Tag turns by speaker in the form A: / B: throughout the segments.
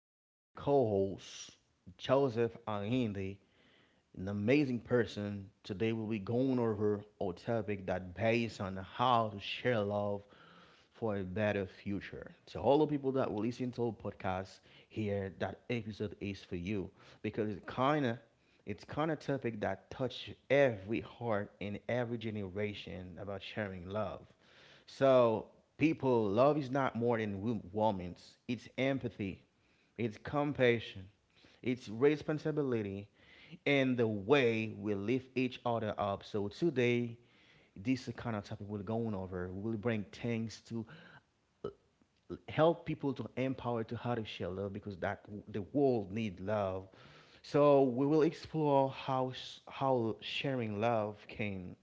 A: with my co hosts, Joseph and Indy, an amazing person. Today we'll be going over a topic that based on how to share love for a better future. To all the people that will listen to our podcast here, that episode is for you because it's kind of topic that touch every heart in every generation about sharing love. So people, love is not more than warmth. It's empathy. It's compassion, it's responsibility, and the way we lift each other up. So today, this kind of topic we're going over. We'll bring things to help people to empower to how to share love because that the world need love. So we will explore how sharing love can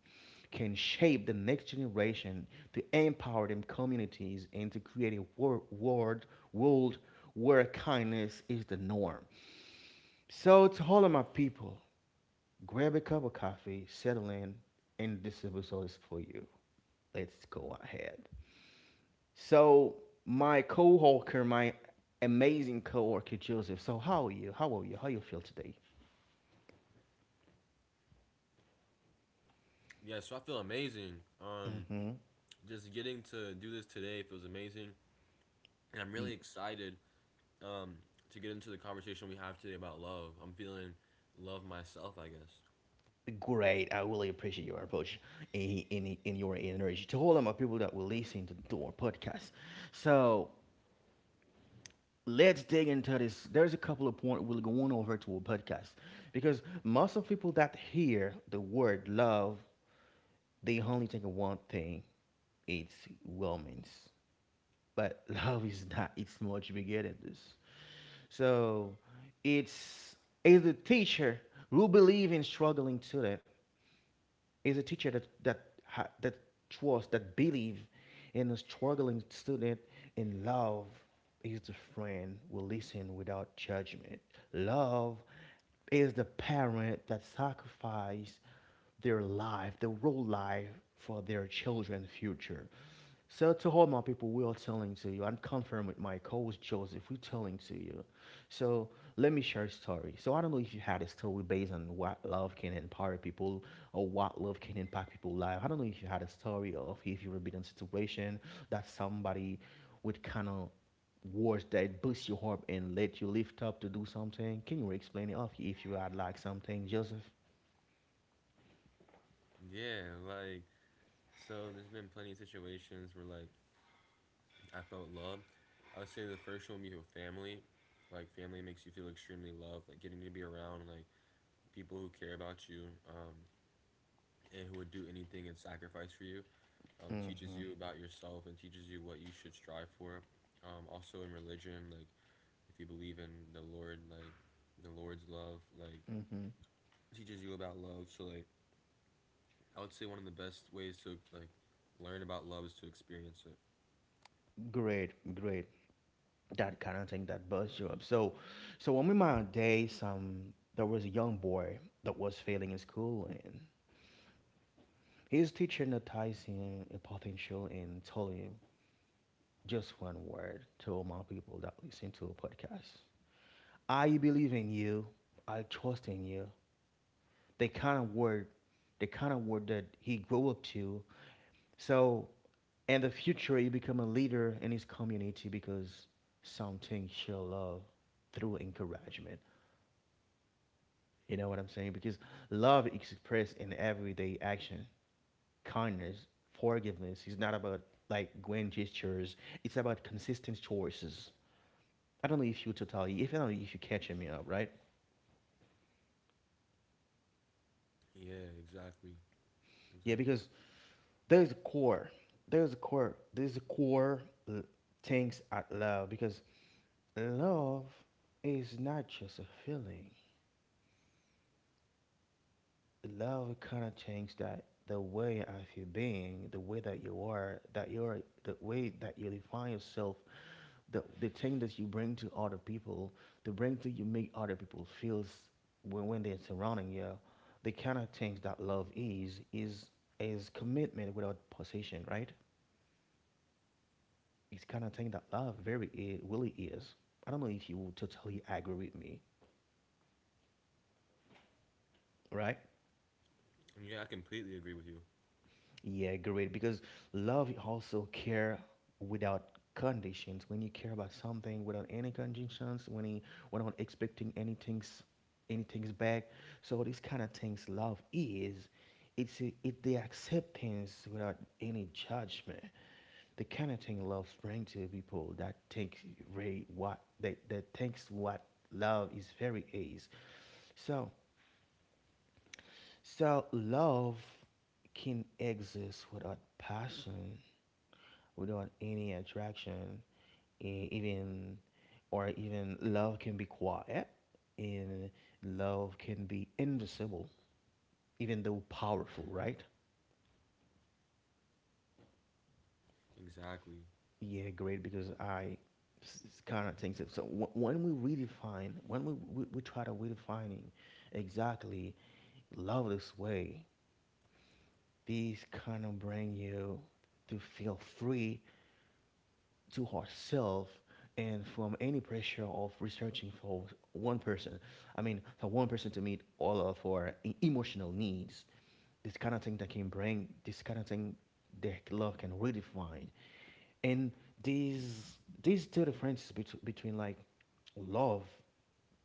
A: shape the next generation to empower them communities and to create a world where kindness is the norm. So to all of my people, grab a cup of coffee, settle in, and this episode is for you. Let's go ahead. So my co-worker, my amazing co-worker Joseph. So how are you? How you feel today?
B: Yeah, so I feel amazing.
A: Mm-hmm.
B: Just getting to do this today feels amazing, and I'm really
A: Neat.
B: excited um, to get into the conversation we have today about love. I'm feeling love myself, I guess.
A: Great. I really appreciate your approach and your energy. To all of my people that will listen to our podcast. So let's dig into this. There's a couple of points we're going over to a podcast because most of people that hear the word love, they only think of one thing: it's romance. But love is not. It's much bigger than this. So, it's as a teacher who believe in struggling to student is a teacher that trusts, that believe in a struggling student in love is the friend who listen without judgment. Love is the parent that sacrifice their life, their real life for their children's future. So to all my people, we are telling to you, and confirm with my co-host Joseph, we're telling to you. So let me share a story. So I don't know if you had a story based on what love can empower people or what love can impact people's life. I don't know if you had a story of if you were in a situation that somebody would kind of words that boost your heart and let you lift up to do something. Can you explain it off if you had like something, Joseph?
B: Yeah, like so, There's been plenty of situations where like I felt love. I would say the first one would be with family. Like family makes you feel extremely loved. Like getting to be around like people who care about you, and who would do anything and sacrifice for you. Teaches
A: Mm-hmm.
B: you about yourself and teaches you what you should strive for. Also in religion, like if you believe in the Lord, like the Lord's love, like
A: Mm-hmm.
B: teaches you about love. So like I would say one of the best ways to like learn about love is to experience it.
A: Great, great. That kind of thing that busts you up. So, one of my days, there was a young boy that was failing in school, and his teacher noticed him a potential and told him just one word to all my people that listen to a podcast: "I believe in you. I trust in you." The kind of word, the kind of word that he grew up to. So, in the future, you become a leader in his community because something she'll love through encouragement. You know what I'm saying? Because love is expressed in everyday action, kindness, forgiveness. It's not about like grand gestures. It's about consistent choices. I don't know if you catching me up, right?
B: Yeah, exactly,
A: Yeah,
B: exactly.
A: because there's a core, there's a core l- things at love because love is not just a feeling. Love kind of changes that the way of you being, the way that you are, the way that you define yourself, the thing that you bring to other people, the bring to you make other people feels when they're surrounding you, the kind of things that love is commitment without possession, right? It's kind of thing that love very really is. I don't know if you will totally agree with me, right?
B: Yeah, I completely agree with you.
A: Yeah, great. Because love also care without conditions. When you care about something without any conditions, when you without expecting anything's back. So this kind of things love is it the acceptance without any judgment. The kind of thing love brings to people that thinks very what that thinks what love is very is. So so love can exist without passion, without any attraction, e- even even love can be quiet, and love can be invisible, even though powerful, right?
B: Exactly.
A: Yeah, great. Because I kind of think that. So when we redefine, when we try to redefining exactly love this way, these kind of bring you to feel free to ourselves and from any pressure of researching for one person. I mean, for one person to meet all of our emotional needs, this kind of thing that can bring this kind of thing that love can redefine. And these two differences between like love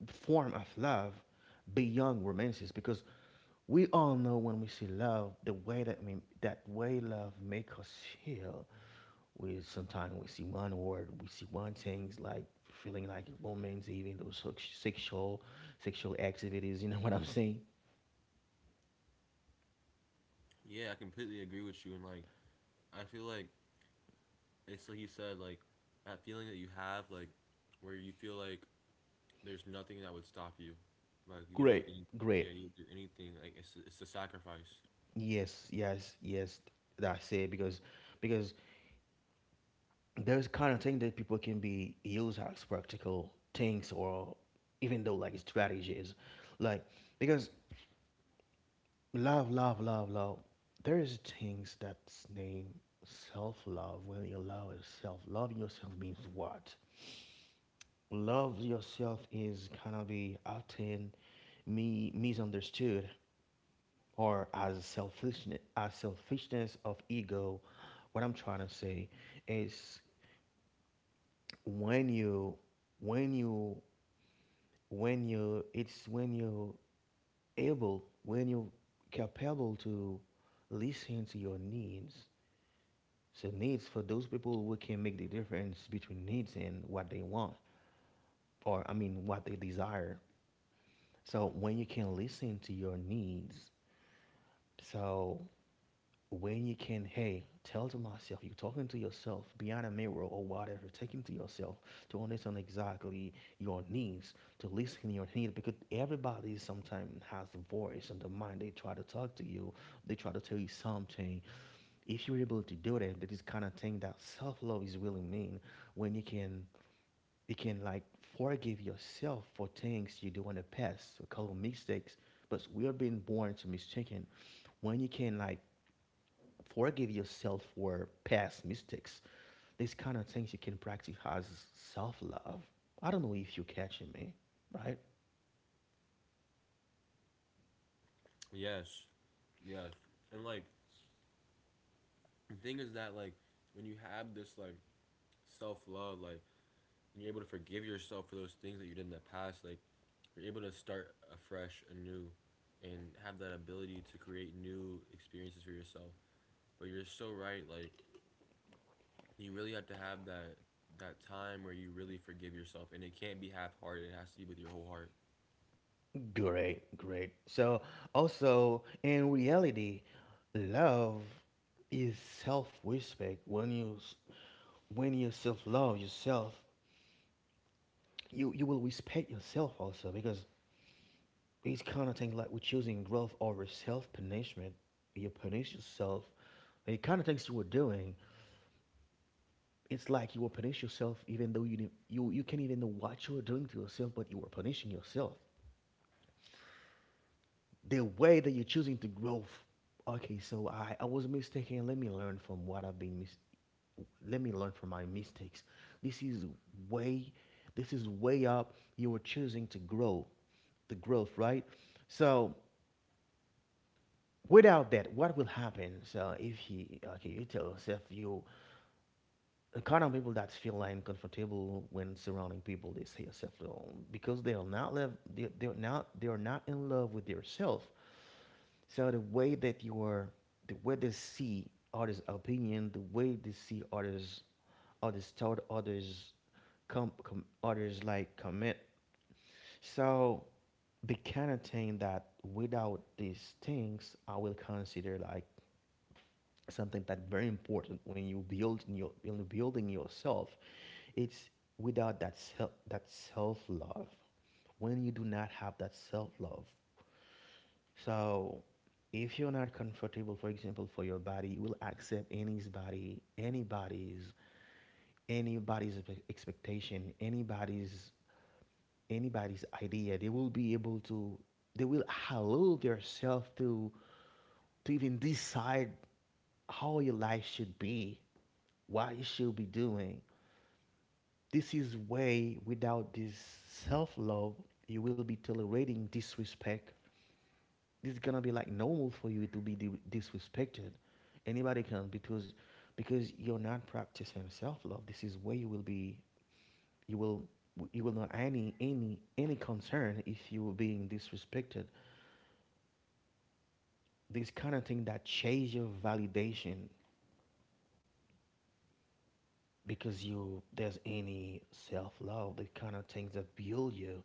A: form of love beyond romances because we all know when we see love the way that mean that way love make us feel we sometimes we see one word we see one things like feeling like romance even those sexual activities. You know what I'm saying?
B: Yeah, I completely agree with you. And like I feel like it's like you said, like that feeling that you have, like where you feel like there's nothing that would stop you. Like you would do
A: Great,
B: yeah,
A: great.
B: you would do anything. Like it's a sacrifice.
A: Yes, yes, yes, that's it because because there's kind of thing that people can be used as practical things or even though like strategies, like because love there is things that's named self-love. When you love yourself, loving yourself means what? Love yourself is kind of be often me misunderstood or as selfishness of ego. What I'm trying to say is, when you when you when you it's when you're able when you're capable to listen to your needs. So needs, for those people who can make the difference between needs and what they want, or I mean what they desire. So when you can listen to your needs, so when you can, hey, tell to myself, you're talking to yourself behind a mirror or whatever, taking to yourself to understand exactly your needs, to listen to your needs. Because everybody sometimes has a voice in the mind. They try to talk to you, they try to tell you something. If you're able to do that, that is kind of thing that self love is really mean, when you can like forgive yourself for things you do in the past, a couple of mistakes. But we are being born to mistaken. When you can like forgive yourself for past mistakes. These kind of things you can practice as self love. I don't know if you're catching me, right?
B: Yes, yes. And like the thing is that like when you have this like self love, like when you're able to forgive yourself for those things that you did in the past, like you're able to start afresh, anew, and have that ability to create new experiences for yourself. But you're so right. Like you really have to have that time where you really forgive yourself, and it can't be half hearted. It has to be with your whole heart.
A: Great, great. So, also, in reality, love is self respect. When you self love yourself, you will respect yourself also because it's kind of thing like we're choosing growth over self punishment. You punish yourself. The kind of things you were doing, it's like you will punish yourself even though you can't even know what you are doing to yourself, but you are punishing yourself. The way that you're choosing to grow. Okay, so I was mistaken. Let me learn from what I've been mis- let me learn from my mistakes. This is way this is way up. You are choosing to grow. The growth, right? So without that, what will happen? So if he okay, you tell yourself you the kind of people that feel like uncomfortable when surrounding people they say yourself alone because they are not love, they are not in love with yourself, so the way that you are, the way they see others opinion, the way they see others, others thought, others com, com others like comment. So the kind of thing that without these things I will consider like something that very important when you're building yourself. It's without that self love. When you do not have that self love, so if you're not comfortable for example for your body, you will accept anybody's expectation, anybody's idea. They will allow themselves to even decide how your life should be, what you should be doing. This is way without this self love, you will be tolerating disrespect. This is gonna be like normal for you to be disrespected. Anybody can, because you're not practicing self love. This is where you will be you will you will not any concern if you are being disrespected. This kind of thing that chase your validation because you there's any self love, the kind of things that build you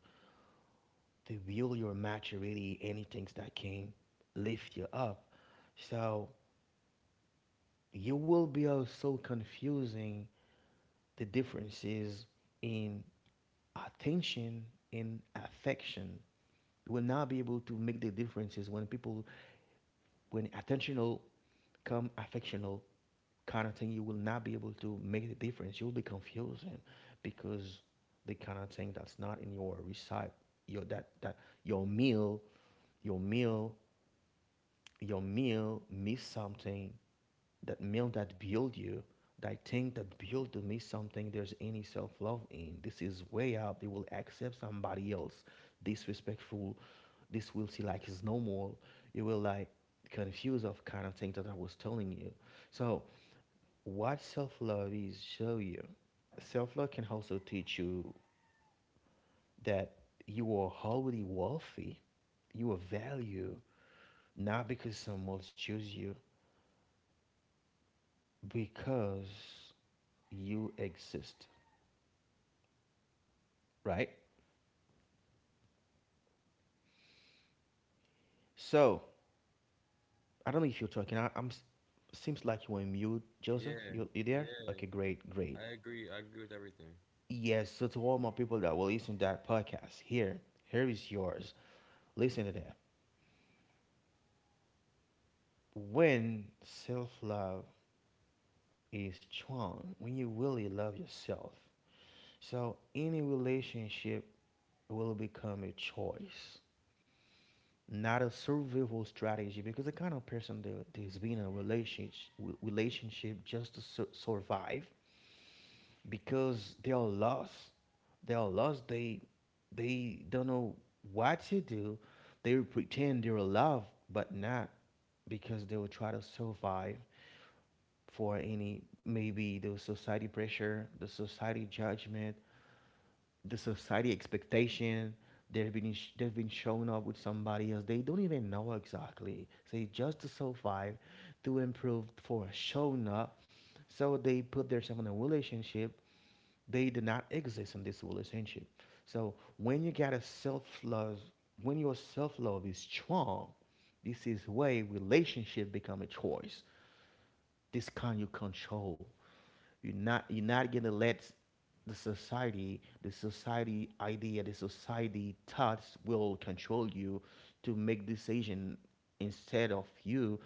A: to build your maturity, any things that can lift you up. So you will be also confusing the differences in attention and affection. You will not be able to make the differences when people when attentional come affectional kind of thing you will not be able to make the difference you'll be confusing because the kind of thing that's not in your recipe your that your meal your meal your meal miss something that meal that build you that thing that build to miss something there's any self-love in this is way out they will accept somebody else disrespectful this will see like is normal you will like confuse of kind of thing that I was telling you. So what self-love is show you, self-love can also teach you that you are already wealthy, you are value, not because someone else choose you, because you exist, right? So I don't know if you're talking. Seems like you were mute, Joseph.
B: Yeah,
A: You there?
B: yeah,
A: Okay, great, great.
B: I agree. I agree with everything.
A: Yes. So to all my people that will listen to that podcast, here is yours. Listen to that. When self love is strong, when you really love yourself, so any relationship will become a choice, not a survival strategy, because the kind of person that is being in a relationship just to survive, because they are lost, they are lost, they don't know what to do, they pretend they're alive but not, because they will try to survive for any maybe the society pressure, the society judgment, the society expectation. They've been showing up with somebody else they don't even know exactly say just to survive, to improve for showing up. So they put themselves in a relationship, they do not exist in this relationship. So when you got a self-love, when your self-love is strong, this is way relationship become a choice. This can you control. You're not gonna let the society idea, the society thoughts will control you to make decision instead of you,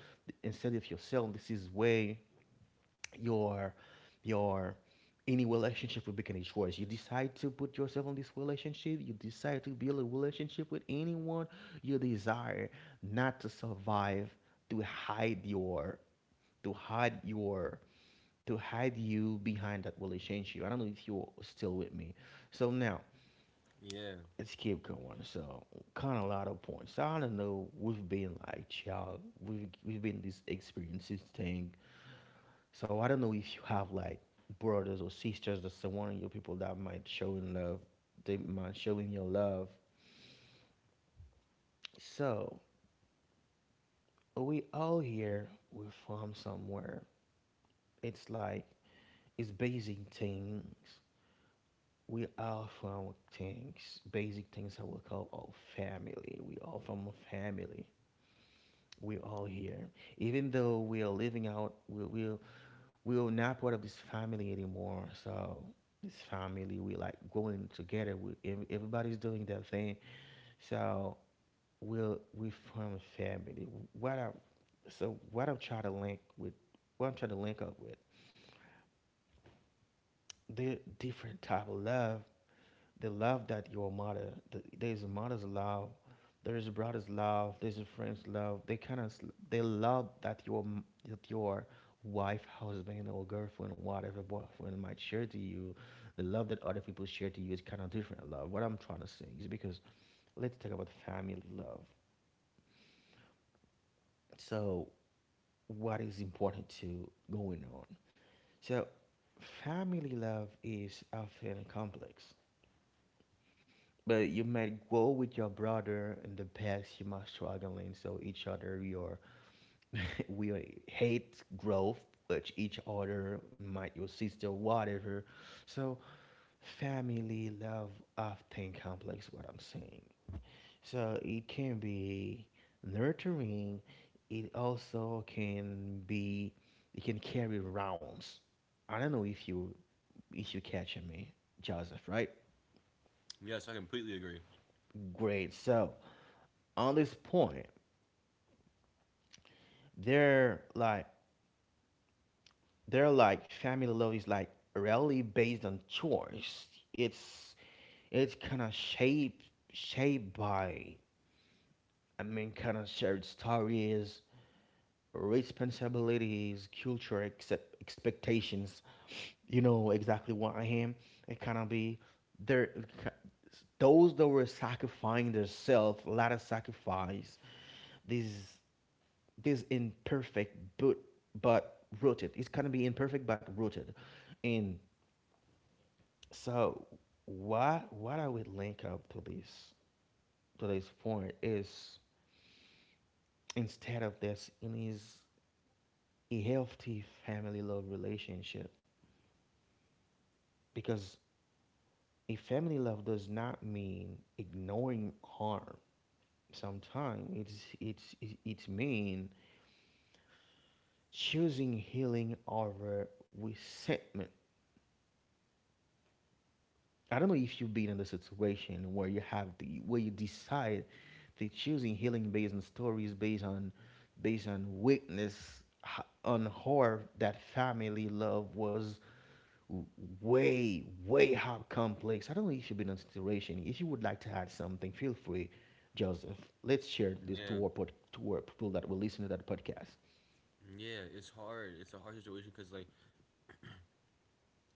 A: instead of yourself. This is way your your any relationship will become a choice. You decide to put yourself in this relationship. You decide to build a relationship with anyone. You desire not to survive, to hide your, to hide your, to hide you behind that relationship. I don't know if you're still with me. So now
B: Yeah.
A: let's keep going. So kind of a lot of points. I don't know. We've been like child. We've been this experiences thing, so I don't know if you have like brothers or sisters or someone in your people that might show in love, they might show in your love. So we all here, we're from somewhere. It's like it's basic things. We are from things, basic things that we call all family. We all from a family. We all here, even though we are living out. We we were not part of this family anymore. So this family, we like growing together. We everybody's doing their thing. So we'll we form a family. What I so what I'm trying to link with, what I'm trying to link up with, the different type of love, the love that your mother, there's a mother's love, there's a brother's love, there's a friend's love. They kind of they love that that your wife, husband, or girlfriend, whatever boyfriend might share to you. The love that other people share to you is kind of different love. What I'm trying to say is because let's talk about family love. So what is important to going on? So family love is often complex. But you might go with your brother in the past. You might struggling, so each other your we hate growth, but each other might your sister whatever. So family love often complex. What I'm saying. So it can be nurturing. It also can be it can carry rounds. I don't know if you catching me, Joseph, right?
B: Yes, I completely agree.
A: Great. So on this point. They're like they're like family love is like rarely based on choice. It's it's kind of shaped by I mean kind of shared stories, responsibilities, culture, accept, expectations. You know exactly what I am. It kind of be there. Those that were sacrificing themselves, a lot of sacrifice. These this imperfect but rooted. It's gonna be imperfect but rooted. And so why what I would link up to this point is instead of this it is a healthy family love relationship. Because a family love does not mean ignoring harm. Sometimes it mean choosing healing over resentment. I don't know if you've been in the situation where you have the where you decide that choosing healing based on stories, based on based on weakness, on horror that family love was w- way how complex. I don't know if you've been in a situation. If you would like to add something, feel free, Joseph. Let's share this
B: Yeah.
A: to our pod, to our people that will listen to that podcast.
B: Yeah, it's hard. It's a hard situation because, like,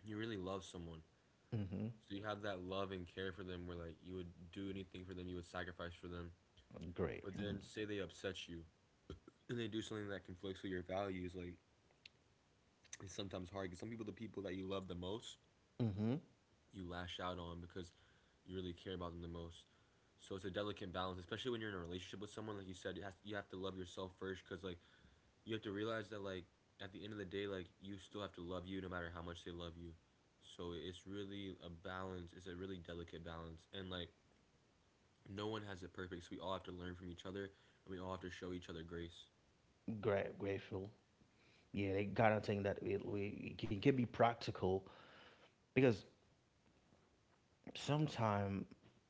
B: you really love someone.
A: Mm-hmm.
B: So you have that love and care for them where, like, you would do anything for them, you would sacrifice for them.
A: Great.
B: But then, say they upset you and they do something that conflicts with your values, like, it's sometimes hard because some people, the people that you love the most,
A: Mm-hmm.
B: you lash out on because you really care about them the most. So it's a delicate balance, especially when you're in a relationship with someone. Like you said, you have to love yourself first because, like, you have to realize that like at the end of the day, like you still have to love you no matter how much they love you. So it's really a balance. It's a really delicate balance, and like no one has it perfect. So we all have to learn from each other, and we all have to show each other grace.
A: Great. Grateful. Yeah, they gotta think that it, we, it can be practical because sometimes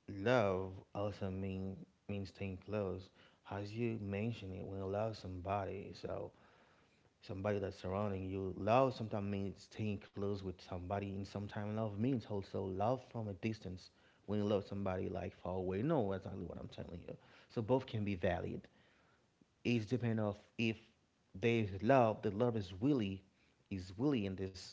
A: love also mean means staying close, as you mentioned it, when you love somebody, so somebody that's surrounding you love, sometimes means staying close with somebody, and sometimes love means also love from a distance. When you love somebody like far away, no, that's not what I'm telling you. So both can be valid. It's depend of if there is love, the love is willy in this,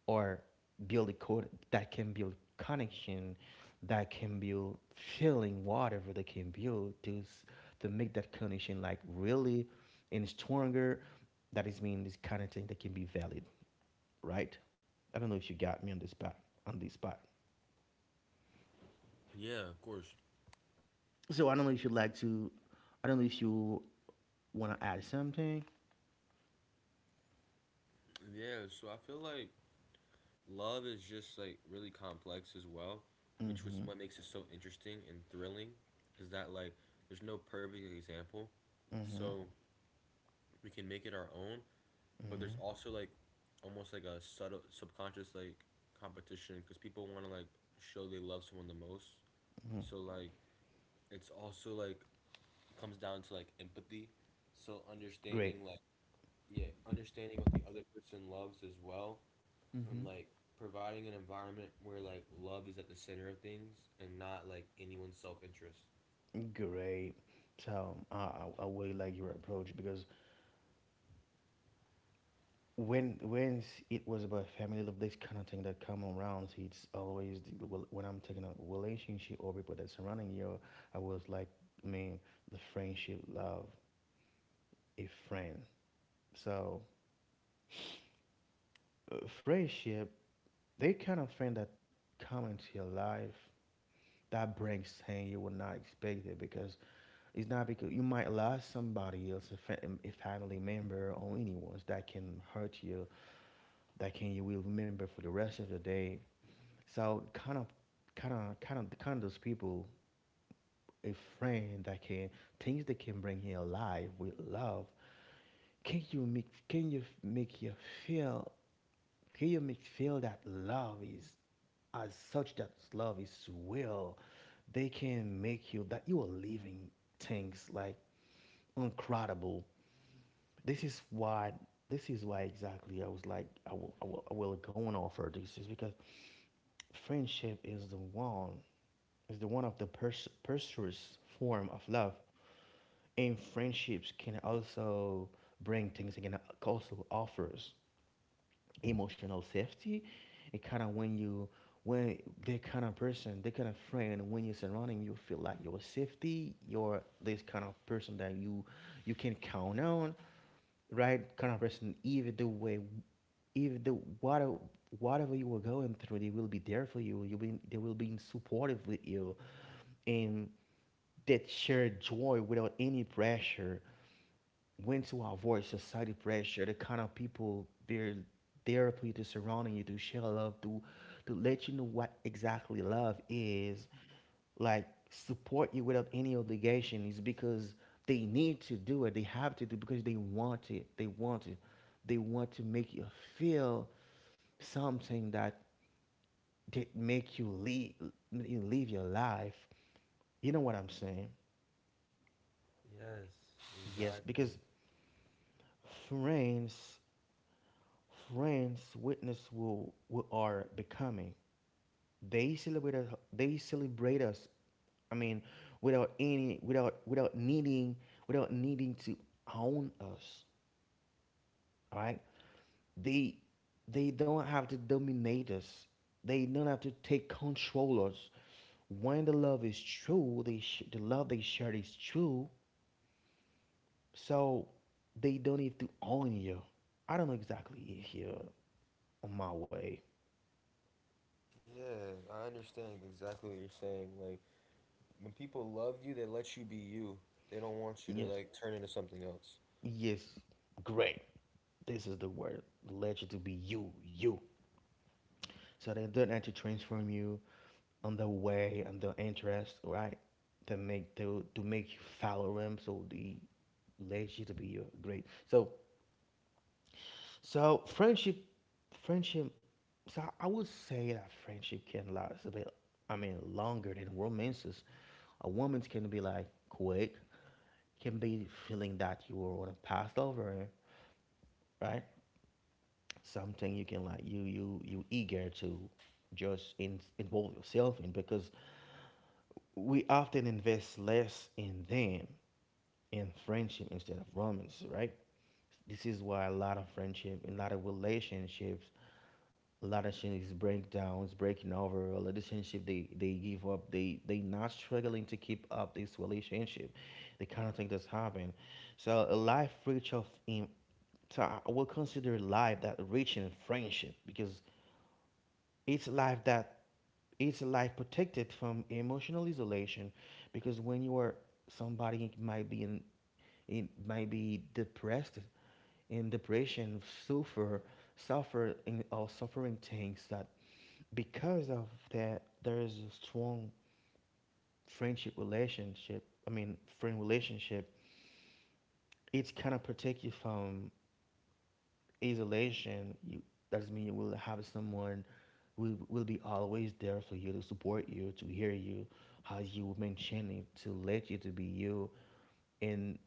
A: or build a code that can build connection, that can build feeling, whatever they can build to make that connection like really and stronger. That is mean this kind of thing that can be valid, right? I don't know if you got me on this spot on this spot.
B: Yeah, of course.
A: So I don't know if you'd like to. I don't know if you want to add something.
B: Yeah. So I feel like love is just like really complex as well, which was
A: Mm-hmm.
B: what makes it so interesting and thrilling, is that like there's no perfect example,
A: Mm-hmm.
B: so we can make it our own, but there's
A: Mm-hmm.
B: also like almost like a subtle subconscious like competition because people want to like show they love someone the most, so like it's also like comes down to like empathy, so
A: Great.
B: understanding like yeah, understanding what the other person loves as well,
A: Hmm.
B: and like providing an environment where like love is at the center of things and not like anyone's self-interest.
A: Great. So I really like your approach, because when it was about family love, this kind of thing that come around, so it's always the, well, when I'm taking a relationship or people that surrounding you, I was like, I mean, the friendship, love, a friend. So friendship, they kind of friend that come into your life that brings things you would not expect it, because it's not because you might lose somebody else, a family member or anyone that can hurt you, that can you will remember for the rest of the day. So kind of those people, a friend that can things that can bring you alive with love. Can you make? Can make you feel? Can you make feel that love is as such that love is real? They can make you that you are living things like incredible. This is why this is why exactly I was like I will go on offer. This is because friendship is the one of the pursuers form of love, and friendships can also bring things, again also offers emotional safety. It kind of when you when that kind of person that kind of friend when you're surrounding you feel like your safety you're this kind of person that you can count on, right, kind of person, even the way even the whatever whatever you are going through they will be there for you, you will they will be supportive with you. And that shared joy without any pressure, when to avoid society pressure, the kind of people they're there for you, to surrounding you, to share love to let you know what exactly love is, like support you without any obligation, is because they need to do it. They have to do it because they want it. They want to. They want to make you feel something that did make you live, you live your life. You know what I'm saying?
B: Yes,
A: Yes, because
B: exactly.
A: friends friends witness who we are becoming. They celebrate us, they celebrate us. I mean without any without needing without needing to own us. All right. They they don't have to dominate us. They don't have to take control us. When the love is true, the love they share is true. So they don't need to own you. I don't know exactly here on my way.
B: Yeah, I understand exactly what you're saying. Like, when people love you, they let you be you. They don't want you to
A: Yes,
B: like turn into something else.
A: yes, great. This is the word. Let you to be you, you. So they don't have to transform you on the way and the interest, right? To make you follow them, so the relationship to be great. So so friendship, friendship. So I would say that friendship can last a bit. I mean, longer than romances. A woman's can be like quick, can be feeling that you were on a passed over, right? Something you can like you eager to involve yourself in, because we often invest less in them in friendship instead of romance, right? This is why a lot of friendship, a lot of relationships, a lot of things break downs, breaking over, a relationship they give up, they not struggling to keep up this relationship. The kind of thing that's happened. So a life rich of in so I will consider life that rich in friendship, because it's life that it's a life protected from emotional isolation. Because when you are, somebody might be in, might be depressed, in depression, suffer suffer in, or suffering things that, because of that there is a strong friendship relationship, I mean friend relationship. It's kind of protect you from isolation, you, that doesn't mean you will have someone who will be always there for you to support you, to hear you, how you mention it, to let you to be you, and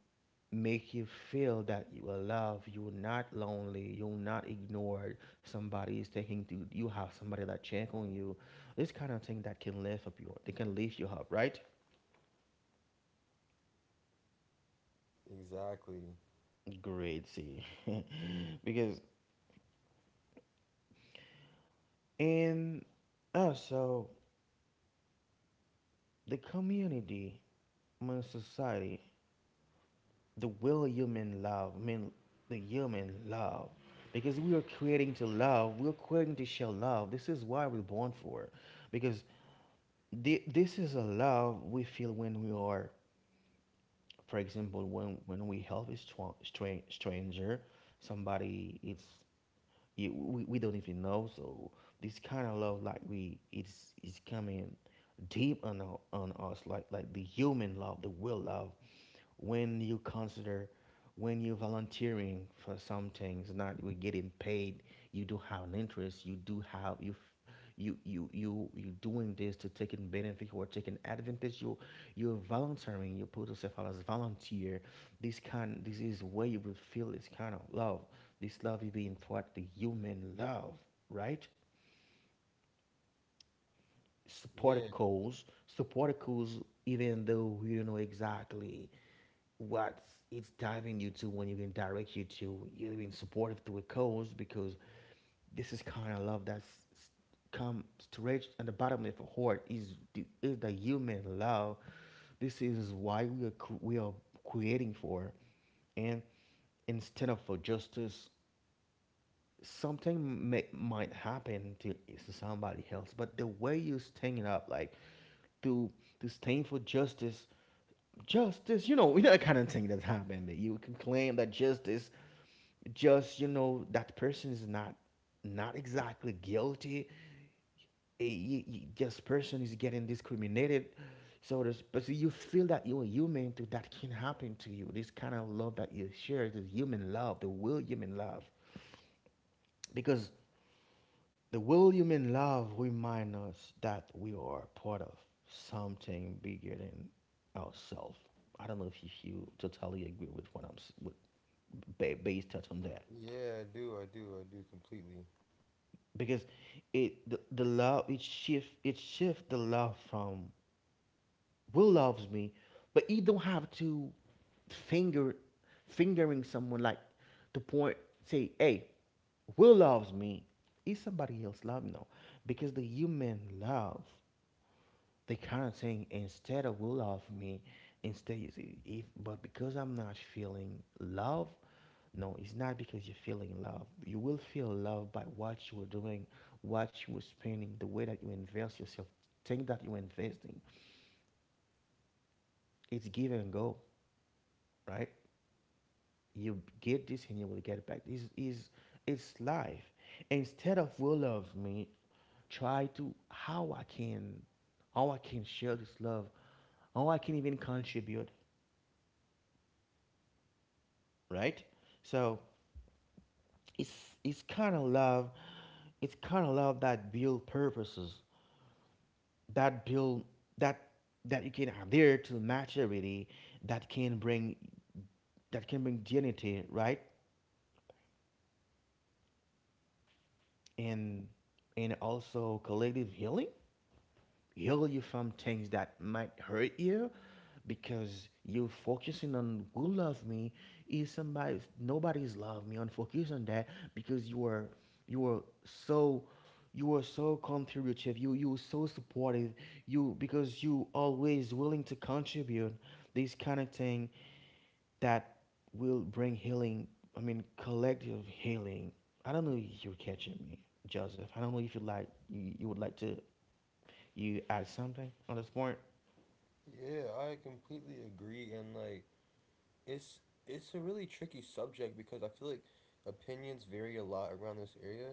A: make you feel that you are loved, you're not lonely, you're not ignored. Somebody is taking to you, have somebody that check on you. This kind of thing that can lift up your, they can lift you up, right?
B: Exactly.
A: Great, see, because in, also, the community, I mean society, the will human love, I mean the human love. Because we are creating to love, we're creating to show love. This is why we're born for. It, because this is a love we feel when we are, for example, when we help a stranger, somebody it's, you, we don't even know. So this kind of love, like we, it's coming deep on our, on us, like the human love, the will love, when you consider, when you're volunteering for some things not we getting paid, you do have an interest, you do have you, you you you you doing this to taking benefit or taking advantage, you, you're volunteering, you put yourself out as a volunteer. This is where you will feel this kind of love. This love is being what the human love, right? Support a
B: Yeah,
A: cause, support a cause. Even though we don't know exactly what, it's diving you to, when you can direct you to, you know, being supportive to a cause, because this is kind of love that's come stretched at the bottom of the heart, is the human love. This is why we are we are creating for, and instead of for justice, something may, might happen to, somebody else, but the way you stand up, like to, stand for justice, justice, you know, you know, that kind of thing that's happened. You can claim that justice, just, you know, that person is not, not exactly guilty. Eh, you- you- just person is getting discriminated. So, there's, but see, you feel that you're human too. That can happen to you. This kind of love that you share, the human love, the real human love, because the William in love remind us that we are part of something bigger than ourselves. I don't know if you totally agree with what I'm with, based on that,
B: yeah, I do, I do, I do completely.
A: because it the love, it shift the love from, will loves me, but you don't have to finger fingering someone, like to point, say hey, Will loves me. Is somebody else love? No. Because the human love, they kind of saying instead of will love me, instead is, if, but because I'm not feeling love, no, it's not because you're feeling love. You will feel love by what you were doing, what you were spending, the way that you invest yourself, thing that you're investing. It's give and go, right? You get this and you will get it back. This is, it's life. Instead of will love me, try to, how I can, how I can share this love, how I can even contribute, right? So it's kind of love. It's kind of love that build purposes, that build that that you can adhere to maturity, that can bring that can bring dignity, right? And and also collective healing. Heal you from things that might hurt you, because you're focusing on who love me, is somebody, nobody's love me on focus on that. Because you are so you are so contributive, you are so supportive, you, because you always willing to contribute, this kind of thing that will bring healing, I mean collective healing. I don't know if you're catching me, Joseph. I don't know if you like you would like to, you add something on the sport.
B: Yeah, I completely agree, and like it's it's a really tricky subject because I feel like opinions vary a lot around this area.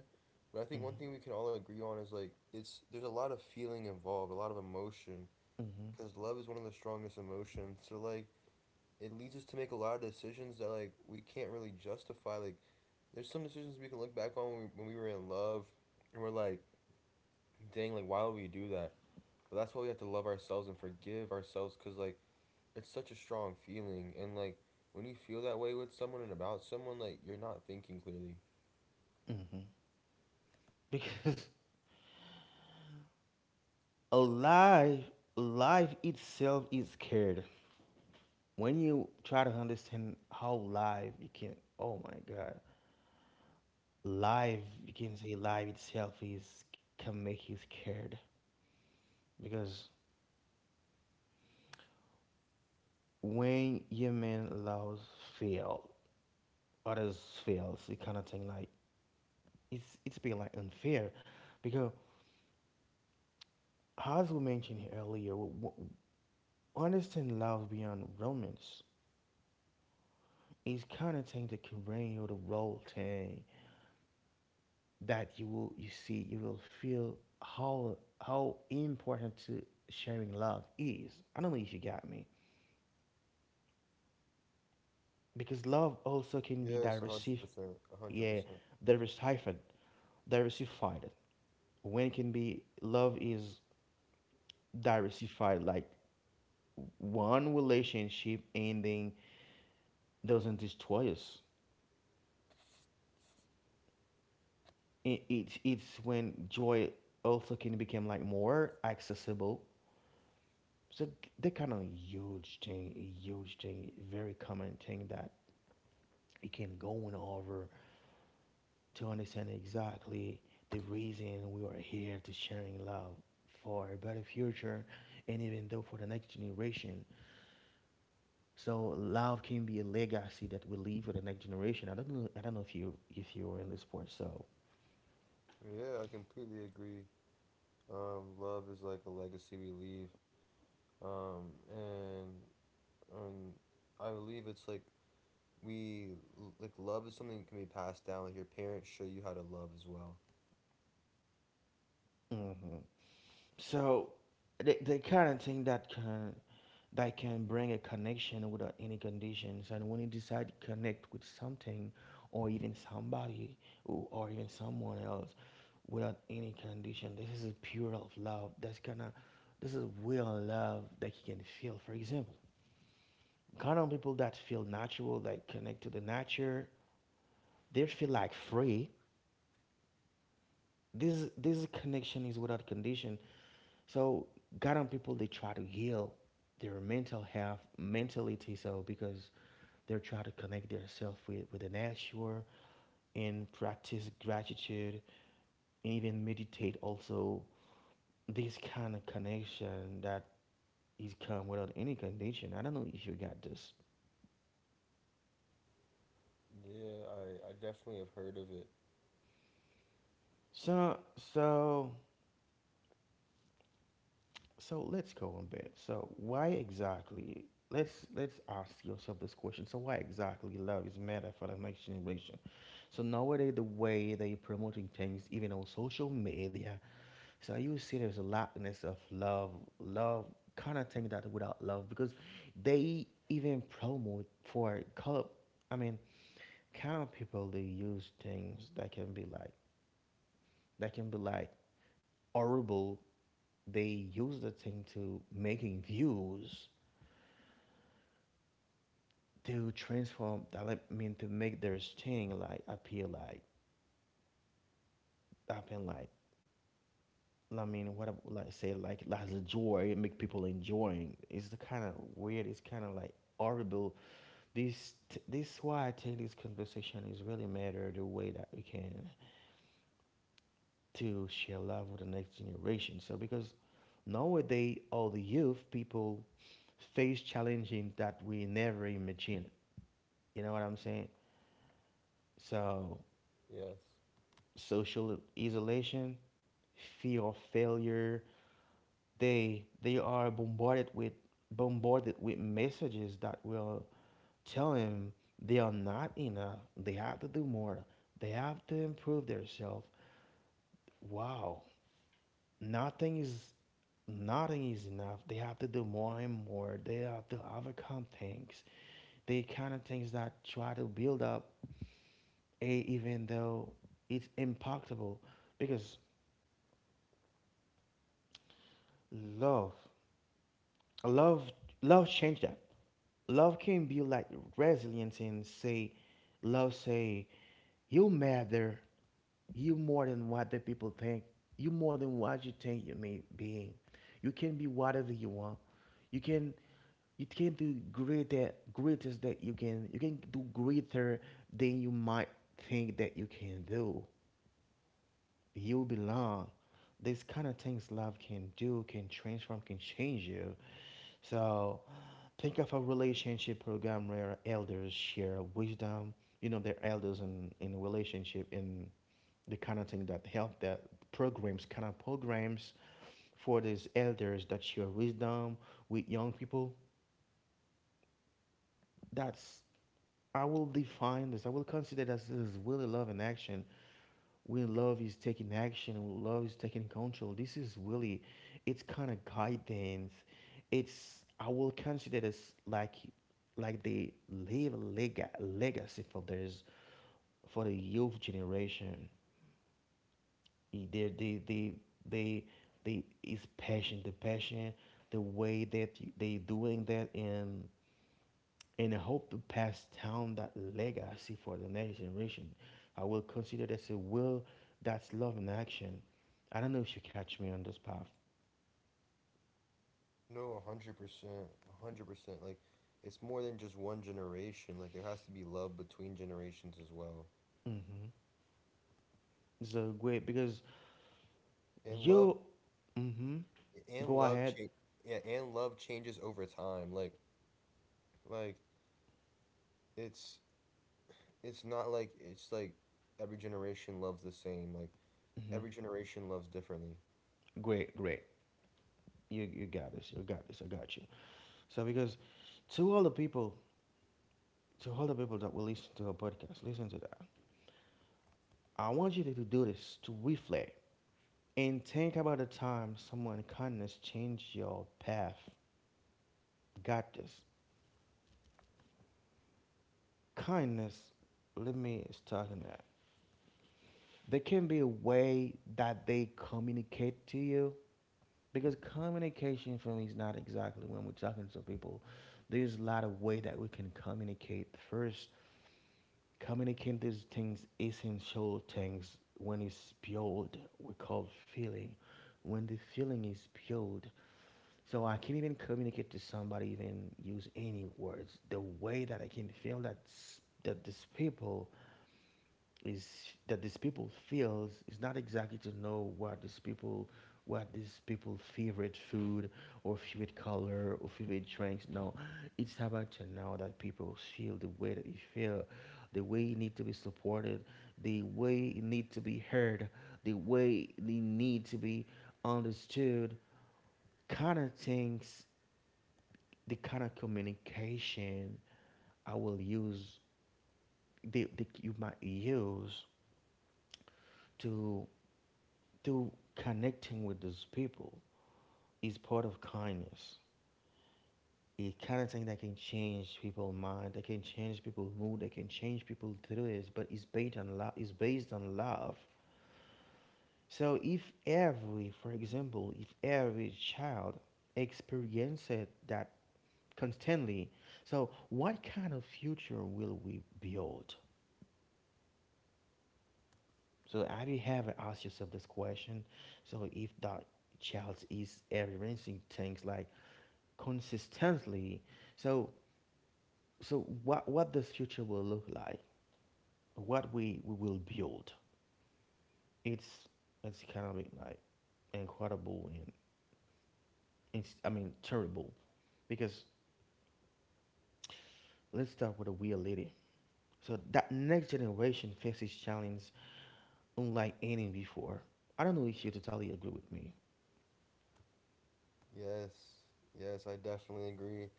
B: But I think one
A: Mm-hmm,
B: thing we can all agree on is like it's there's a lot of feeling involved, a lot of emotion
A: mm-hmm,
B: because love is one of the strongest emotions. So like it leads us to make a lot of decisions that like we can't really justify. Like there's some decisions we can look back on when when we were in love, and we're like, dang, like why would we do that? But that's why we have to love ourselves and forgive ourselves, cause like it's such a strong feeling, and like when you feel that way with someone and about someone, like you're not thinking clearly.
A: mm-hmm. Because a life, life itself is scared. When you try to understand how life became, oh my God, life, you can say life itself is, can make you scared. Because when your man allows fail, others fails, it kind of thing like it's being like unfair, because as we mentioned earlier, understand love beyond romance. Is kind of thing that can bring you the role thing that you will, you see, you will feel how important to sharing love is. I don't know if you got me, because love also can be
B: Yes, a hundred
A: diversified.
B: percent, a hundred
A: Yeah,
B: percent.
A: diversified, diversified. When it can be love is diversified, like one relationship ending doesn't destroy us. It, it's when joy also can become like more accessible. So that kind of huge thing, a huge thing, very common thing that you can go on over to understand exactly the reason we are here to sharing love for a better future, and even though for the next generation. So love can be a legacy that we leave for the next generation. I don't know. I don't know if you, if you were in the sport. So,
B: Yeah, I completely agree. Love is like a legacy we leave, um, and and I believe it's like we like love is something that can be passed down. Like your parents show you how to love as well.
A: hmm, so the kind of thing that can, that can bring a connection without any conditions. And when you decide to connect with something, or even somebody, or even someone else, without any condition, this is a pure of love. That's kind of, this is real love that you can feel. For example, kind of people that feel natural, that connect to the nature, they feel like free. This connection is without condition. So, kind of people, they try to heal their mental health, mentality. So, because they try to connect themselves with, the nature, and practice gratitude, and even meditate also. This kind of connection that is come without any condition. I don't know if you got this.
B: Yeah, I definitely have heard of it.
A: So so so let's go on bit. So why exactly, let's ask yourself this question. So why exactly love is matter for the next generation? So nowadays, the way they promoting things, even on social media, so you see, there's a lackness of love, love, kind of thing that without love, because they even promote for color. I mean, kind of people they use things that can be like, that can be like horrible. They use the thing to making views, to transform, like, I mean, to make their thing like appear like, happen like. I mean, what I would like say, like as a joy, make people enjoying. It's the kind of weird. It's kind of like horrible. This is why I take this conversation is really matter, the way that we can to share love with the next generation. So because nowadays all the youth people face challenges that we never imagined. You know what I'm saying? So
B: Yes.
A: social isolation, fear of failure. They are bombarded with, messages that will tell them, they are not enough. They have to do more. They have to improve themselves. Wow, nothing is nothing is enough. They have to do more and more. They have to overcome things. They kind of things that try to build up a, even though it's impactable, because love love love change that. Love can be like resilience, and say, love say, you matter, you more than what the people think, you more than what you think you may be. You can be whatever you want. You can, you can do greater, greatest that you can do greater than you might think that you can do, you belong, this kind of things love can do, can transform, can change you. So think of a relationship program where elders share wisdom. You know, their elders in relationship, and the kind of thing that help that, programs kind of programs for these elders that share wisdom with young people. That's, I will define this. I will consider that this as really love in action. When love is taking action, when love is taking control, this is really, it's kind of guidance. It's, I will consider this like they leave a legacy for theirs, for the youth generation. They they they they they is passion, the passion, the way that they doing that and. And I hope to pass down that legacy for the next generation. I will consider this a will, that's love in action. I don't know if you catch me on this path.
B: No, 100%, 100%. Like, it's more than just one generation. Like there has to be love between generations as well.
A: Mm-hmm. So great, because
B: And love,
A: you. Mm-hmm.
B: and
A: Go
B: love
A: ahead.
B: change. Yeah, and love changes over time. Like it's it's not like it's like every generation loves the same. Like
A: Mm-hmm.
B: every generation loves differently.
A: Great, great. You got this. You got this. I got you. So because to all the people, to all the people that will listen to our podcast, listen to that. I want you to do this to reflect and think about the time someone kindness changed your path got this. Kindness, let me start on that. There can be a way that they communicate to you because communication for me is not exactly when we're talking to people. There's a lot of way that we can communicate. First, communicating these things, essential things, when it's pure, we call feeling. When the feeling is pure, so I can't even communicate to somebody, even use any words. The way that I can feel that these people is that these people feels is not exactly to know what these people favorite food or favorite color or favorite drinks no, it's about to know that people feel the way that you feel, the way you need to be supported, the way you need to be heard, the way they need to be understood, kind of things, the kind of communication I will use, they you might use to through connecting with those people is part of kindness. A kind of thing that can change people's mind, that can change people's mood, that can change people through this, but it's based on love. It's based on love. So if every, for example, if every child experiences that constantly, so what kind of future will we build? So have you ever asked yourself this question? So if that child is experiencing things like consistently. So so what this future will look like, what we will build. It's it's kind of like incredible and it's I mean terrible because let's start with a real lady. So that next generation faces challenge unlike any before. I don't know if you totally agree with me.
B: Yes, yes, I definitely agree.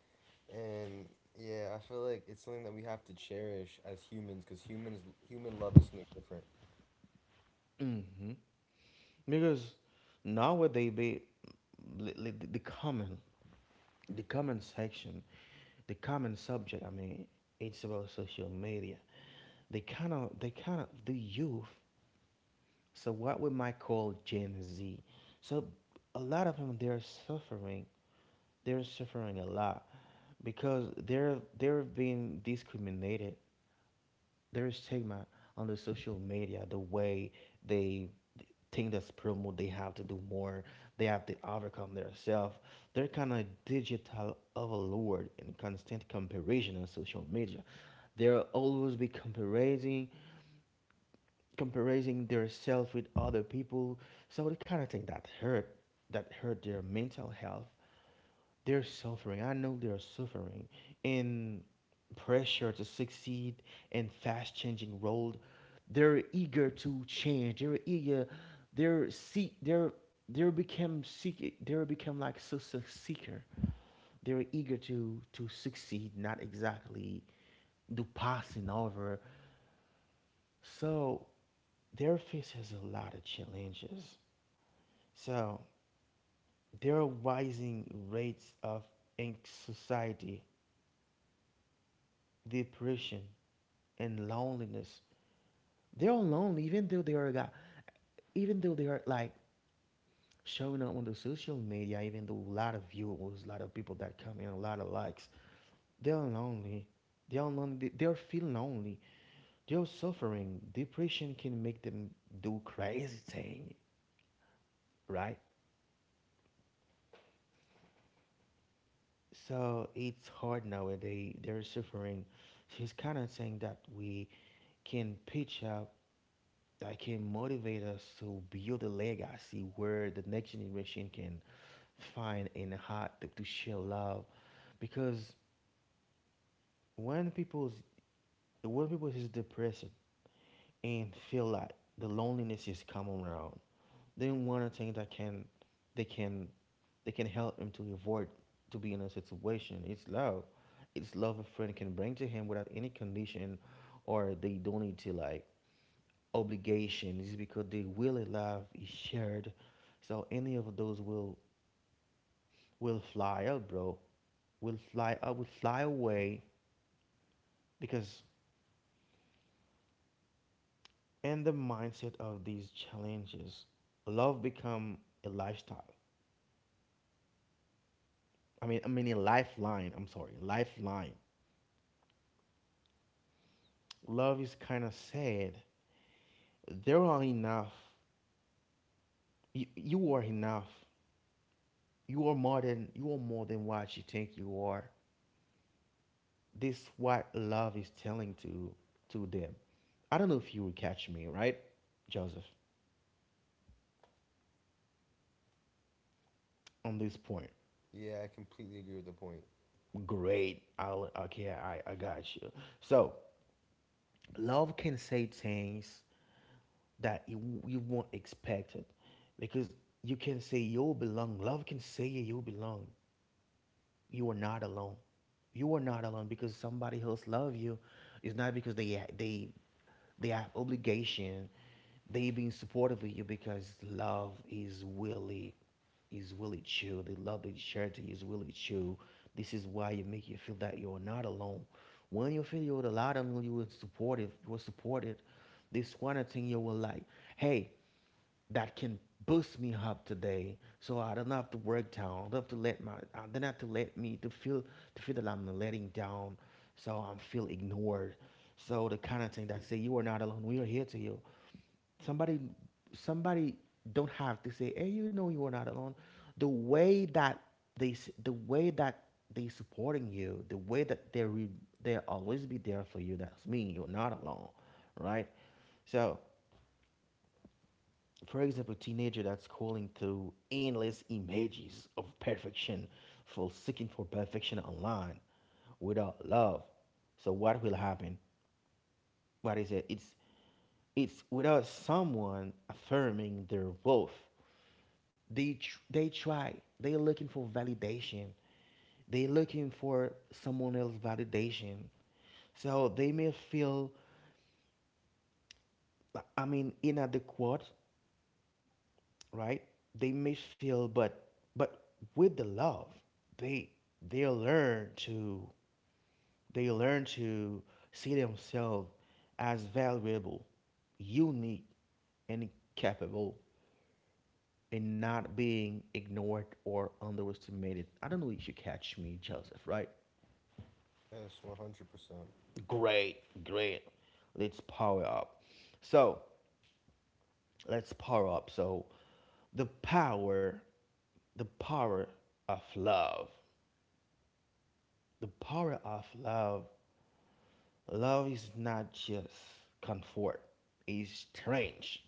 B: And yeah, I feel like it's something that we have to cherish as humans because human love is something different.
A: hmm Because nowadays they li- li- the comment the comment section the comment subject I mean it's about social media they kind of the youth so what we might call gen z, so a lot of them they're suffering, they're suffering a lot because they're being discriminated, there is stigma on the social media, the way they think that's promote they have to do more, they have to overcome themselves, they're kind of digital overload and constant comparison on social media, they'll always be comparing, comparing their self with other people. So the kind of thing that hurt their mental health, they're suffering. I know they're suffering in pressure to succeed in fast changing world. They're eager to change. They're eager. They're seek. They're they become seek. They become like success seeker. They're eager to succeed, not exactly do passing over. So they're faces a lot of challenges. So there are rising rates of anxiety, depression, and loneliness. They are lonely, even though they are got, even though they are like showing up on the social media, even though a lot of viewers, a lot of people that come in, a lot of likes. They are lonely. They are lonely. They are feeling lonely. They are suffering. Depression can make them do crazy thing, right? So it's hard nowadays. They're suffering. She's kind of saying that we can pitch up that can motivate us to build a legacy where the next generation can find in the heart to share love because when people's when people is depressed and feel like the loneliness is coming around, then one of the things that can they can they can help him to avoid to be in a situation it's love, it's love a friend can bring to him without any condition or they don't need to like obligation. It's because the will of love is shared. So any of those will fly out, bro. Will fly out, will fly away because in the mindset of these challenges, love become a lifestyle. I mean a lifeline. I'm sorry, lifeline. Love is kind of sad. There are enough. You are enough. You are more than you are more than what you think you are. This what love is telling to them. I don't know if you will catch me, right, Joseph, on this point.
B: Yeah, I completely agree with the point.
A: Great. I got you. So, love can say things that you won't expect it because you can say you belong. Love can say you belong. You are not alone. You are not alone because somebody else love you. It's not because they they have obligation. They being supportive of you because love is really true. The love they share to you is really true. This is why you make you feel that you're not alone. When you feel you're allowed and you were supportive, you were supported, this one thing you were like, hey, that can boost me up today so I don't have to work down. I don't have to let my I don't have to let me to feel that I'm letting down so I'm feel ignored. So the kind of thing that say you are not alone. We are here to you. Somebody somebody don't have to say, hey, you know you are not alone. The way that the way that they supporting you, the way that they always be there for you. That's mean you're not alone, right? So for example, teenager that's scrolling through endless images of perfection for seeking for perfection online without love. So what will happen? What is it? It's without someone affirming their worth. They try. They're looking for validation. They're looking for someone else validation. So they may feel, I mean, inadequate, right? They may feel, but with the love, they they learn to they learn to see themselves as valuable, unique, and capable, and not being ignored or underestimated. I don't know if you catch me, Joseph. Right?
B: Yes, 100%.
A: Great, great. Let's power up. So let's power up. So the power, the power of love. The power of love. Love is not just comfort, it's strange.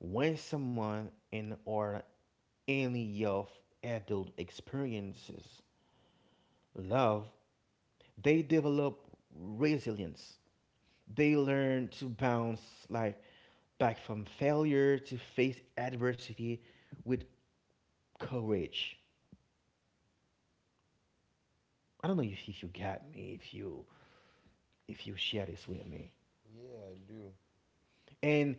A: When someone in or any of adult experiences love, they develop resilience. They learn to bounce like back from failure to face adversity with courage. I don't know if you got me, if you share this with me.
B: Yeah, I do.
A: and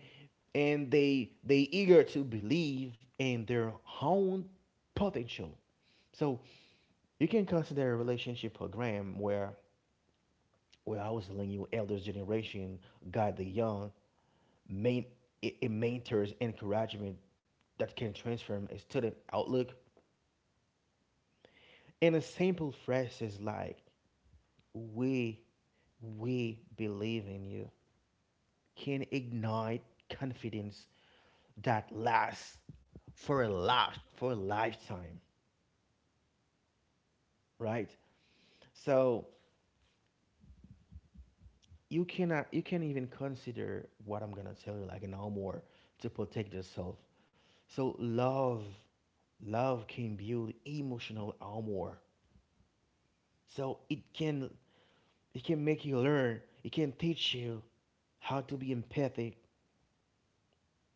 A: and they eager to believe in their own potential. So you can consider a relationship program where I was telling you elders generation guide the young, main it mentors encouragement that can transform a student outlook. And a simple phrase is like we we believe in you can ignite confidence that lasts for a life for a lifetime. Right? So you cannot, you can't even consider what I'm gonna tell you like no more to protect yourself. So love, love can build emotional armor. So it can make you learn. It can teach you how to be empathic,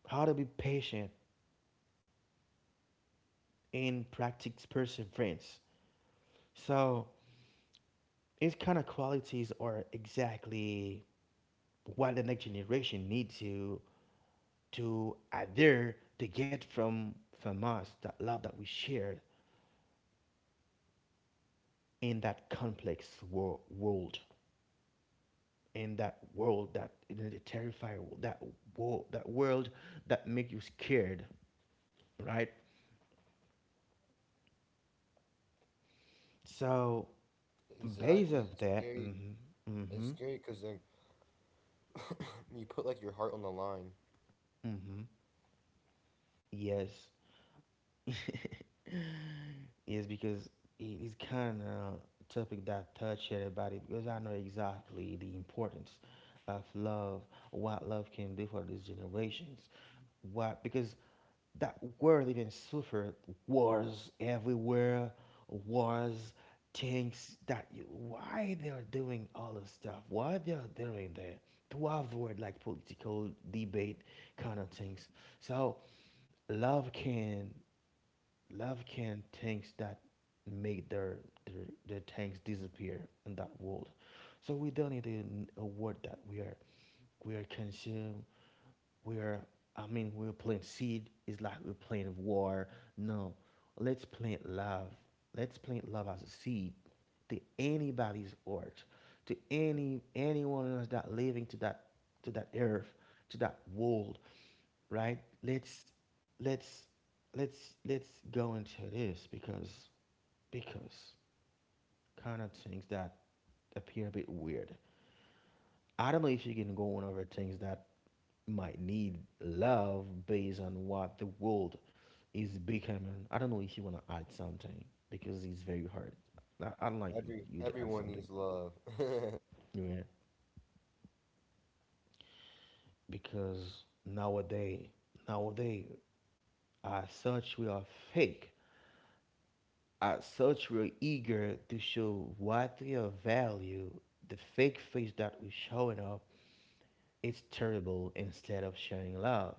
A: how to be patient, and practice perseverance. So these kind of qualities are exactly what the next generation needs to adhere to get from us that love that we shared in that complex world in that world that in the terrifying that world that world that make you scared, right? So based
B: Exactly.
A: of
B: It's
A: that.
B: scary.
A: Mm-hmm.
B: It's
A: Mm-hmm.
B: scary because then you put like your heart on the line.
A: Mm-hmm. Yes. is because it is kind of a topic that I touched about it because I know exactly the importance of love, what love can do for these generations, what because that world even suffered wars everywhere, wars, things that you, why they are doing all this stuff, why they are doing that to avoid like political debate kind of things. So love can love can tanks that make their their tanks disappear in that world, so we don't need a word that we are consumed, we are, I mean, we're playing seed, it's like we're playing war. No, let's plant love, let's plant love as a seed to anybody's heart, to any anyone else that living to that earth to that world, right? Let's let's let's go into this because kind of things that appear a bit weird. I don't know if you can go on over things that might need love based on what the world is becoming. I don't know if you want to add something because it's very hard. I not like you, you to add
B: Everyone
A: something,
B: needs love.
A: you yeah, because nowadays, nowadays, as such, we are fake. Are such real eager to show what we are value, the fake face that we're showing up is terrible instead of sharing love.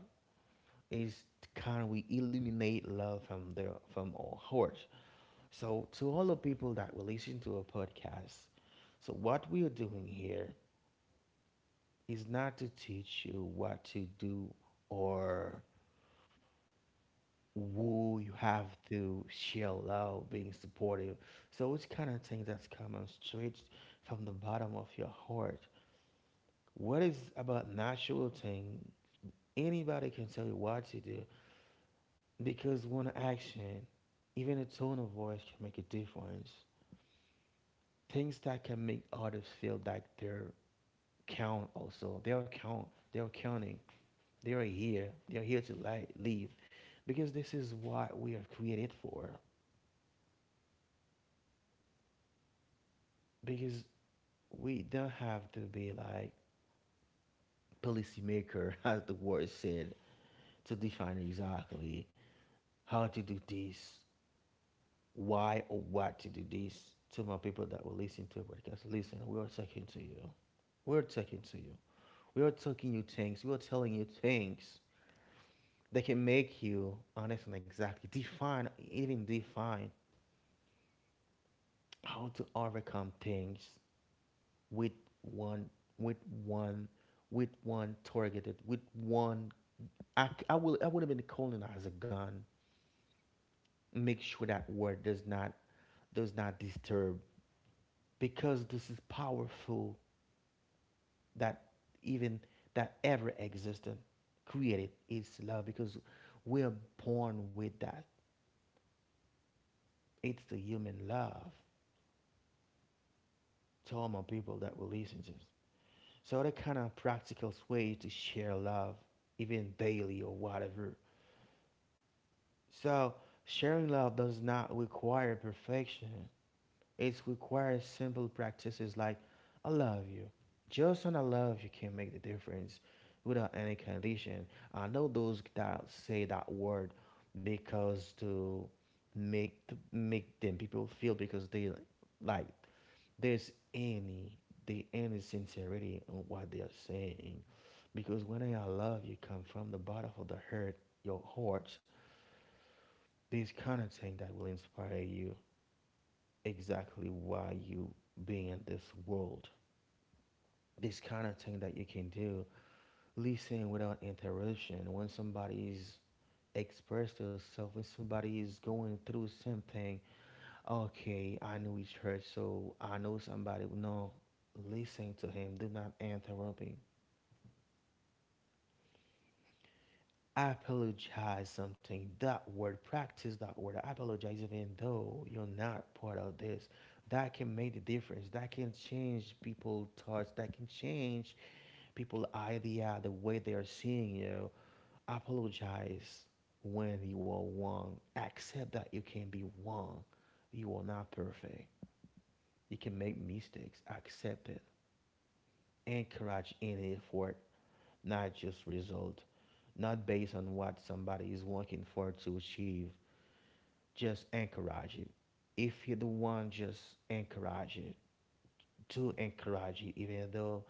A: It's kind of we eliminate love from their from our hearts. So to all the people that will listen to a podcast, so what we are doing here is not to teach you what to do or who you have to share love, being supportive. So which kind of thing that's coming straight from the bottom of your heart? What is about natural thing? Anybody can tell you what to do because one action, even a tone of voice can make a difference. Things that can make others feel like they're count also. They're count. They're counting. They're here. They're here to leave because this is what we are created for. Because we don't have to be like policymaker, as the word said, to define exactly how to do this, why or what to do this. To my people that will listen to podcast, listen, we are talking to you. We're talking to you. We are talking you things. We are telling you things that can make you honest and exactly define, even define how to overcome things with one, with one, with one targeted, with one I will I would have been colonized a gun. Make sure that word does not disturb because this is powerful that even that ever existed created is love because we're born with that. It's the human love to all my people that will listen to. So that kind of practical way to share love, even daily or whatever. So sharing love does not require perfection. It requires simple practices like I love you. Just an I love you can make the difference without any condition. I know those that say that word because to make them people feel because they like there's any the any sincerity on what they are saying. Because when I love you come from the bottom of the heart, your heart, this kind of thing that will inspire you exactly why you being in this world. This kind of thing that you can do, listen without interruption. When somebody's express yourself, when somebody is going through something, okay, I know it's hurt, so I know somebody. No, listen to him. Do not interrupt him. Apologize something. That word, practice that word. Apologize even though you're not part of this. That can make the difference. That can change people's thoughts. That can change people idea the way they are seeing you, apologize when you are wrong, accept that you can be wrong, you are not perfect, you can make mistakes, accept it. Encourage any effort, not just result, not based on what somebody is working for to achieve, just encourage it. If you're the one, just encourage it. To encourage it even though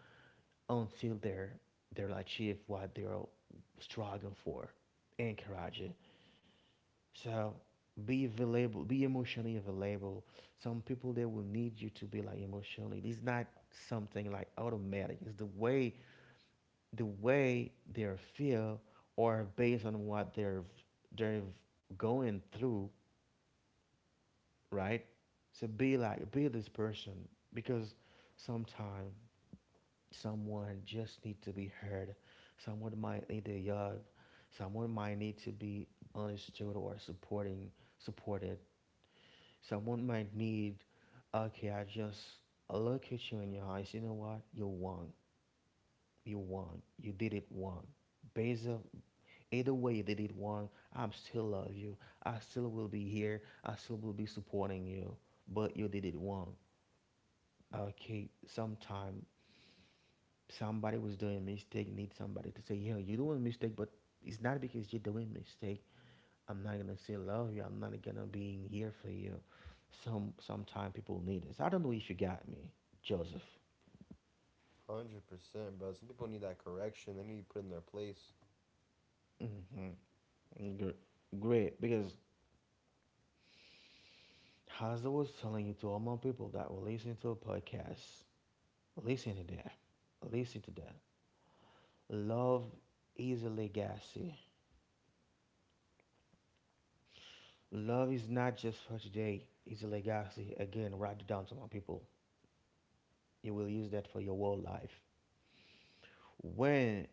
A: until they're they'll achieve what they're struggling for. Encourage it. So be available, be emotionally available. Some people they will need you to be like emotionally. It's not something like automatic. It's the way they feel or based on what they're going through, right? So be like be this person because sometimes someone just need to be heard. Someone might need to hug. Someone might need to be understood or supporting supported. Someone might need, okay, I just look at you in your eyes. You know what? You won. You won. You did it won. Based on either way you did it wrong, I still love you. I still will be here. I still will be supporting you. But you did it wrong. Okay, sometime somebody was doing a mistake need somebody to say, "Yo, you're doing a mistake, but it's not because you're doing a mistake I'm not gonna say love you, I'm not gonna be here for you." Sometime people need this. I don't know if you got me, Joseph.
B: 100%, bro. Some people need that correction. They need to be put in their place.
A: Mm-hmm. Good. Great, because as I was telling you, to all my people that will listen to a podcast, listen to that, listen to that, love is a legacy. Love is not just for today, it's a legacy. Again, write it down, to my people, you will use that for your whole life. When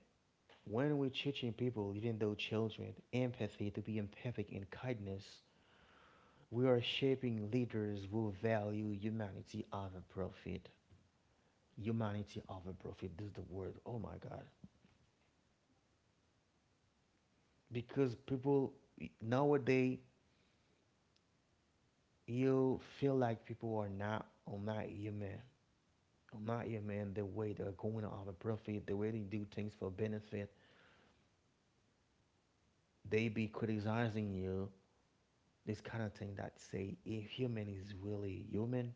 A: when we're teaching people, even though children, empathy, to be empathic and kindness, we are shaping leaders who value humanity over profit. Humanity over profit. This is the word. Oh my God. Because people nowadays you feel like people are not human. Are not human the way they're going over profit, the way they do things for benefit. They be criticizing you, this kind of thing that say if human is really human.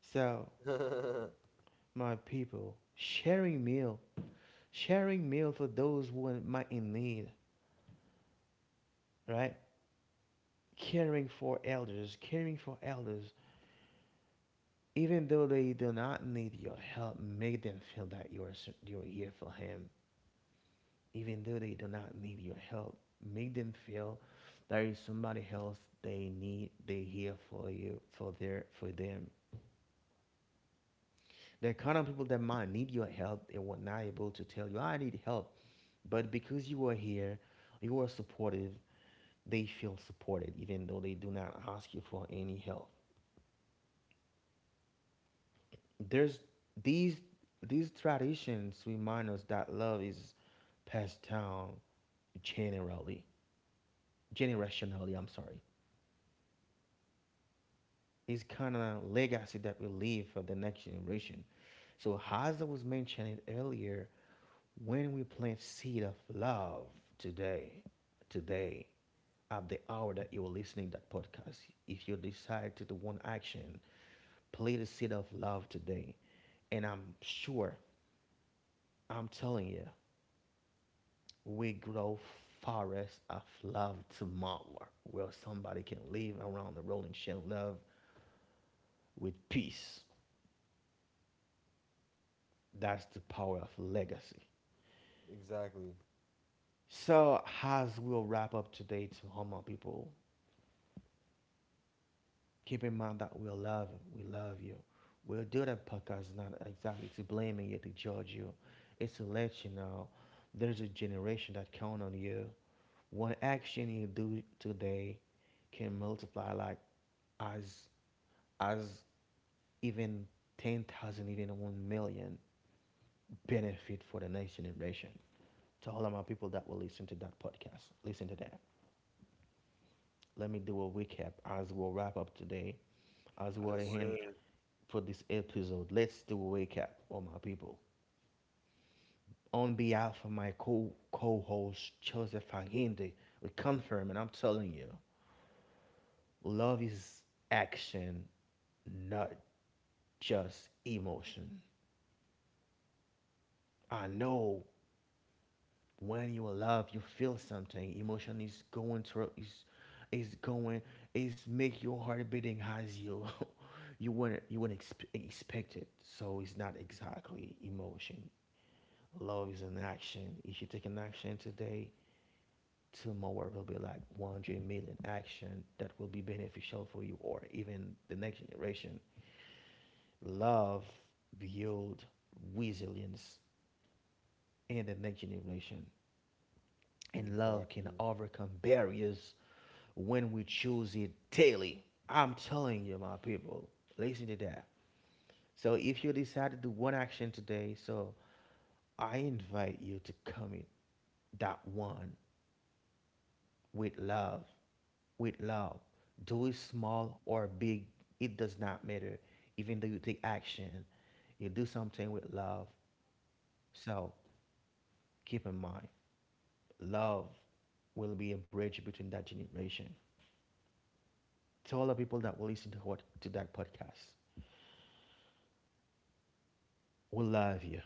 A: So my people, sharing meal for those who might in need, right? Caring for elders, even though they do not need your help, make them feel that you are here for him. Even though they do not need your help, make them feel there is somebody else they need. They here for you, for their for them. There are kind of people that might need your help and were not able to tell you, I need help. But because you are here, you are supportive, they feel supported, even though they do not ask you for any help. There's these these traditions remind us that love is passed down generally. Generationally, I'm sorry. It's kind of legacy that we leave for the next generation. So as I was mentioning earlier, when we plant seed of love today, today at the hour that you are listening to that podcast. If you decide to do one action, play the seed of love today. And I'm sure, I'm telling you, we grow forests of love tomorrow where somebody can live around the world and share love with peace. That's the power of legacy.
B: Exactly.
A: So as we'll wrap up today to humble people, keep in mind that we love you. We love you. We'll do that podcast not exactly to blame you, to judge you. It's to let you know there's a generation that count on you. One action you do today can multiply like as as even 10,000, even 1 million benefit for the next generation. To all of my people that will listen to that podcast, listen to that. Let me do a recap as we'll wrap up today. As we're
B: Yes,
A: at the end
B: sir.
A: for this episode. Let's do a recap all my people. On behalf of my co host Joseph Allende, we confirm and I'm telling you, love is action, not just emotion. I know when you love you feel something. Emotion is going through is going is make your heart beating as you you wouldn't expect it. So it's not exactly emotion. Love is an action. If you take an action today, tomorrow will be like 100 million action that will be beneficial for you or even the next generation. Love build resilience in the next generation. And love can
B: Exactly.
A: overcome barriers when we choose it daily. I'm telling you, my people, listen to that. So if you decide to do one action today, so I invite you to commit that one with love, with love. Do it small or big, it does not matter. Even though you take action, you do something with love. So keep in mind, love will be a bridge between that generation. To all the people that will listen to what to that podcast. We love you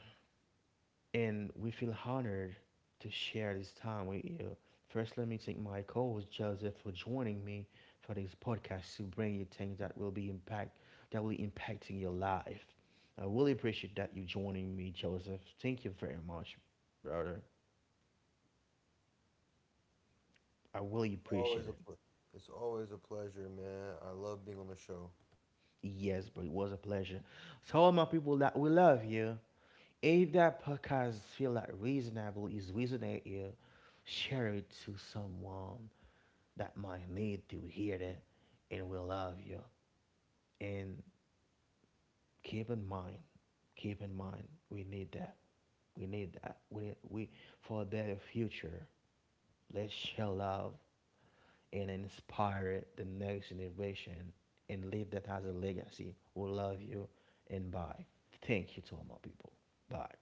A: and we feel honored to share this time with you. First, let me thank my co-host Joseph for joining me for this podcast to bring you things that will be impact that will be impacting your life. I really appreciate that you joining me, Joseph. Thank you very much, brother. I really appreciate
B: Always a
A: it.
B: pl- it's always a pleasure, man. I love being on the show.
A: Yes, bro, it was a pleasure. So all my people that we love you. If that podcast feel like reasonable is reasonable, you, share it to someone that might need to hear it and we love you. And keep in mind, keep in mind, we need that. We need that. We for their future. Let's share love and inspire the next generation and leave that as a legacy. We love you and bye. Thank you to all my people. Bye.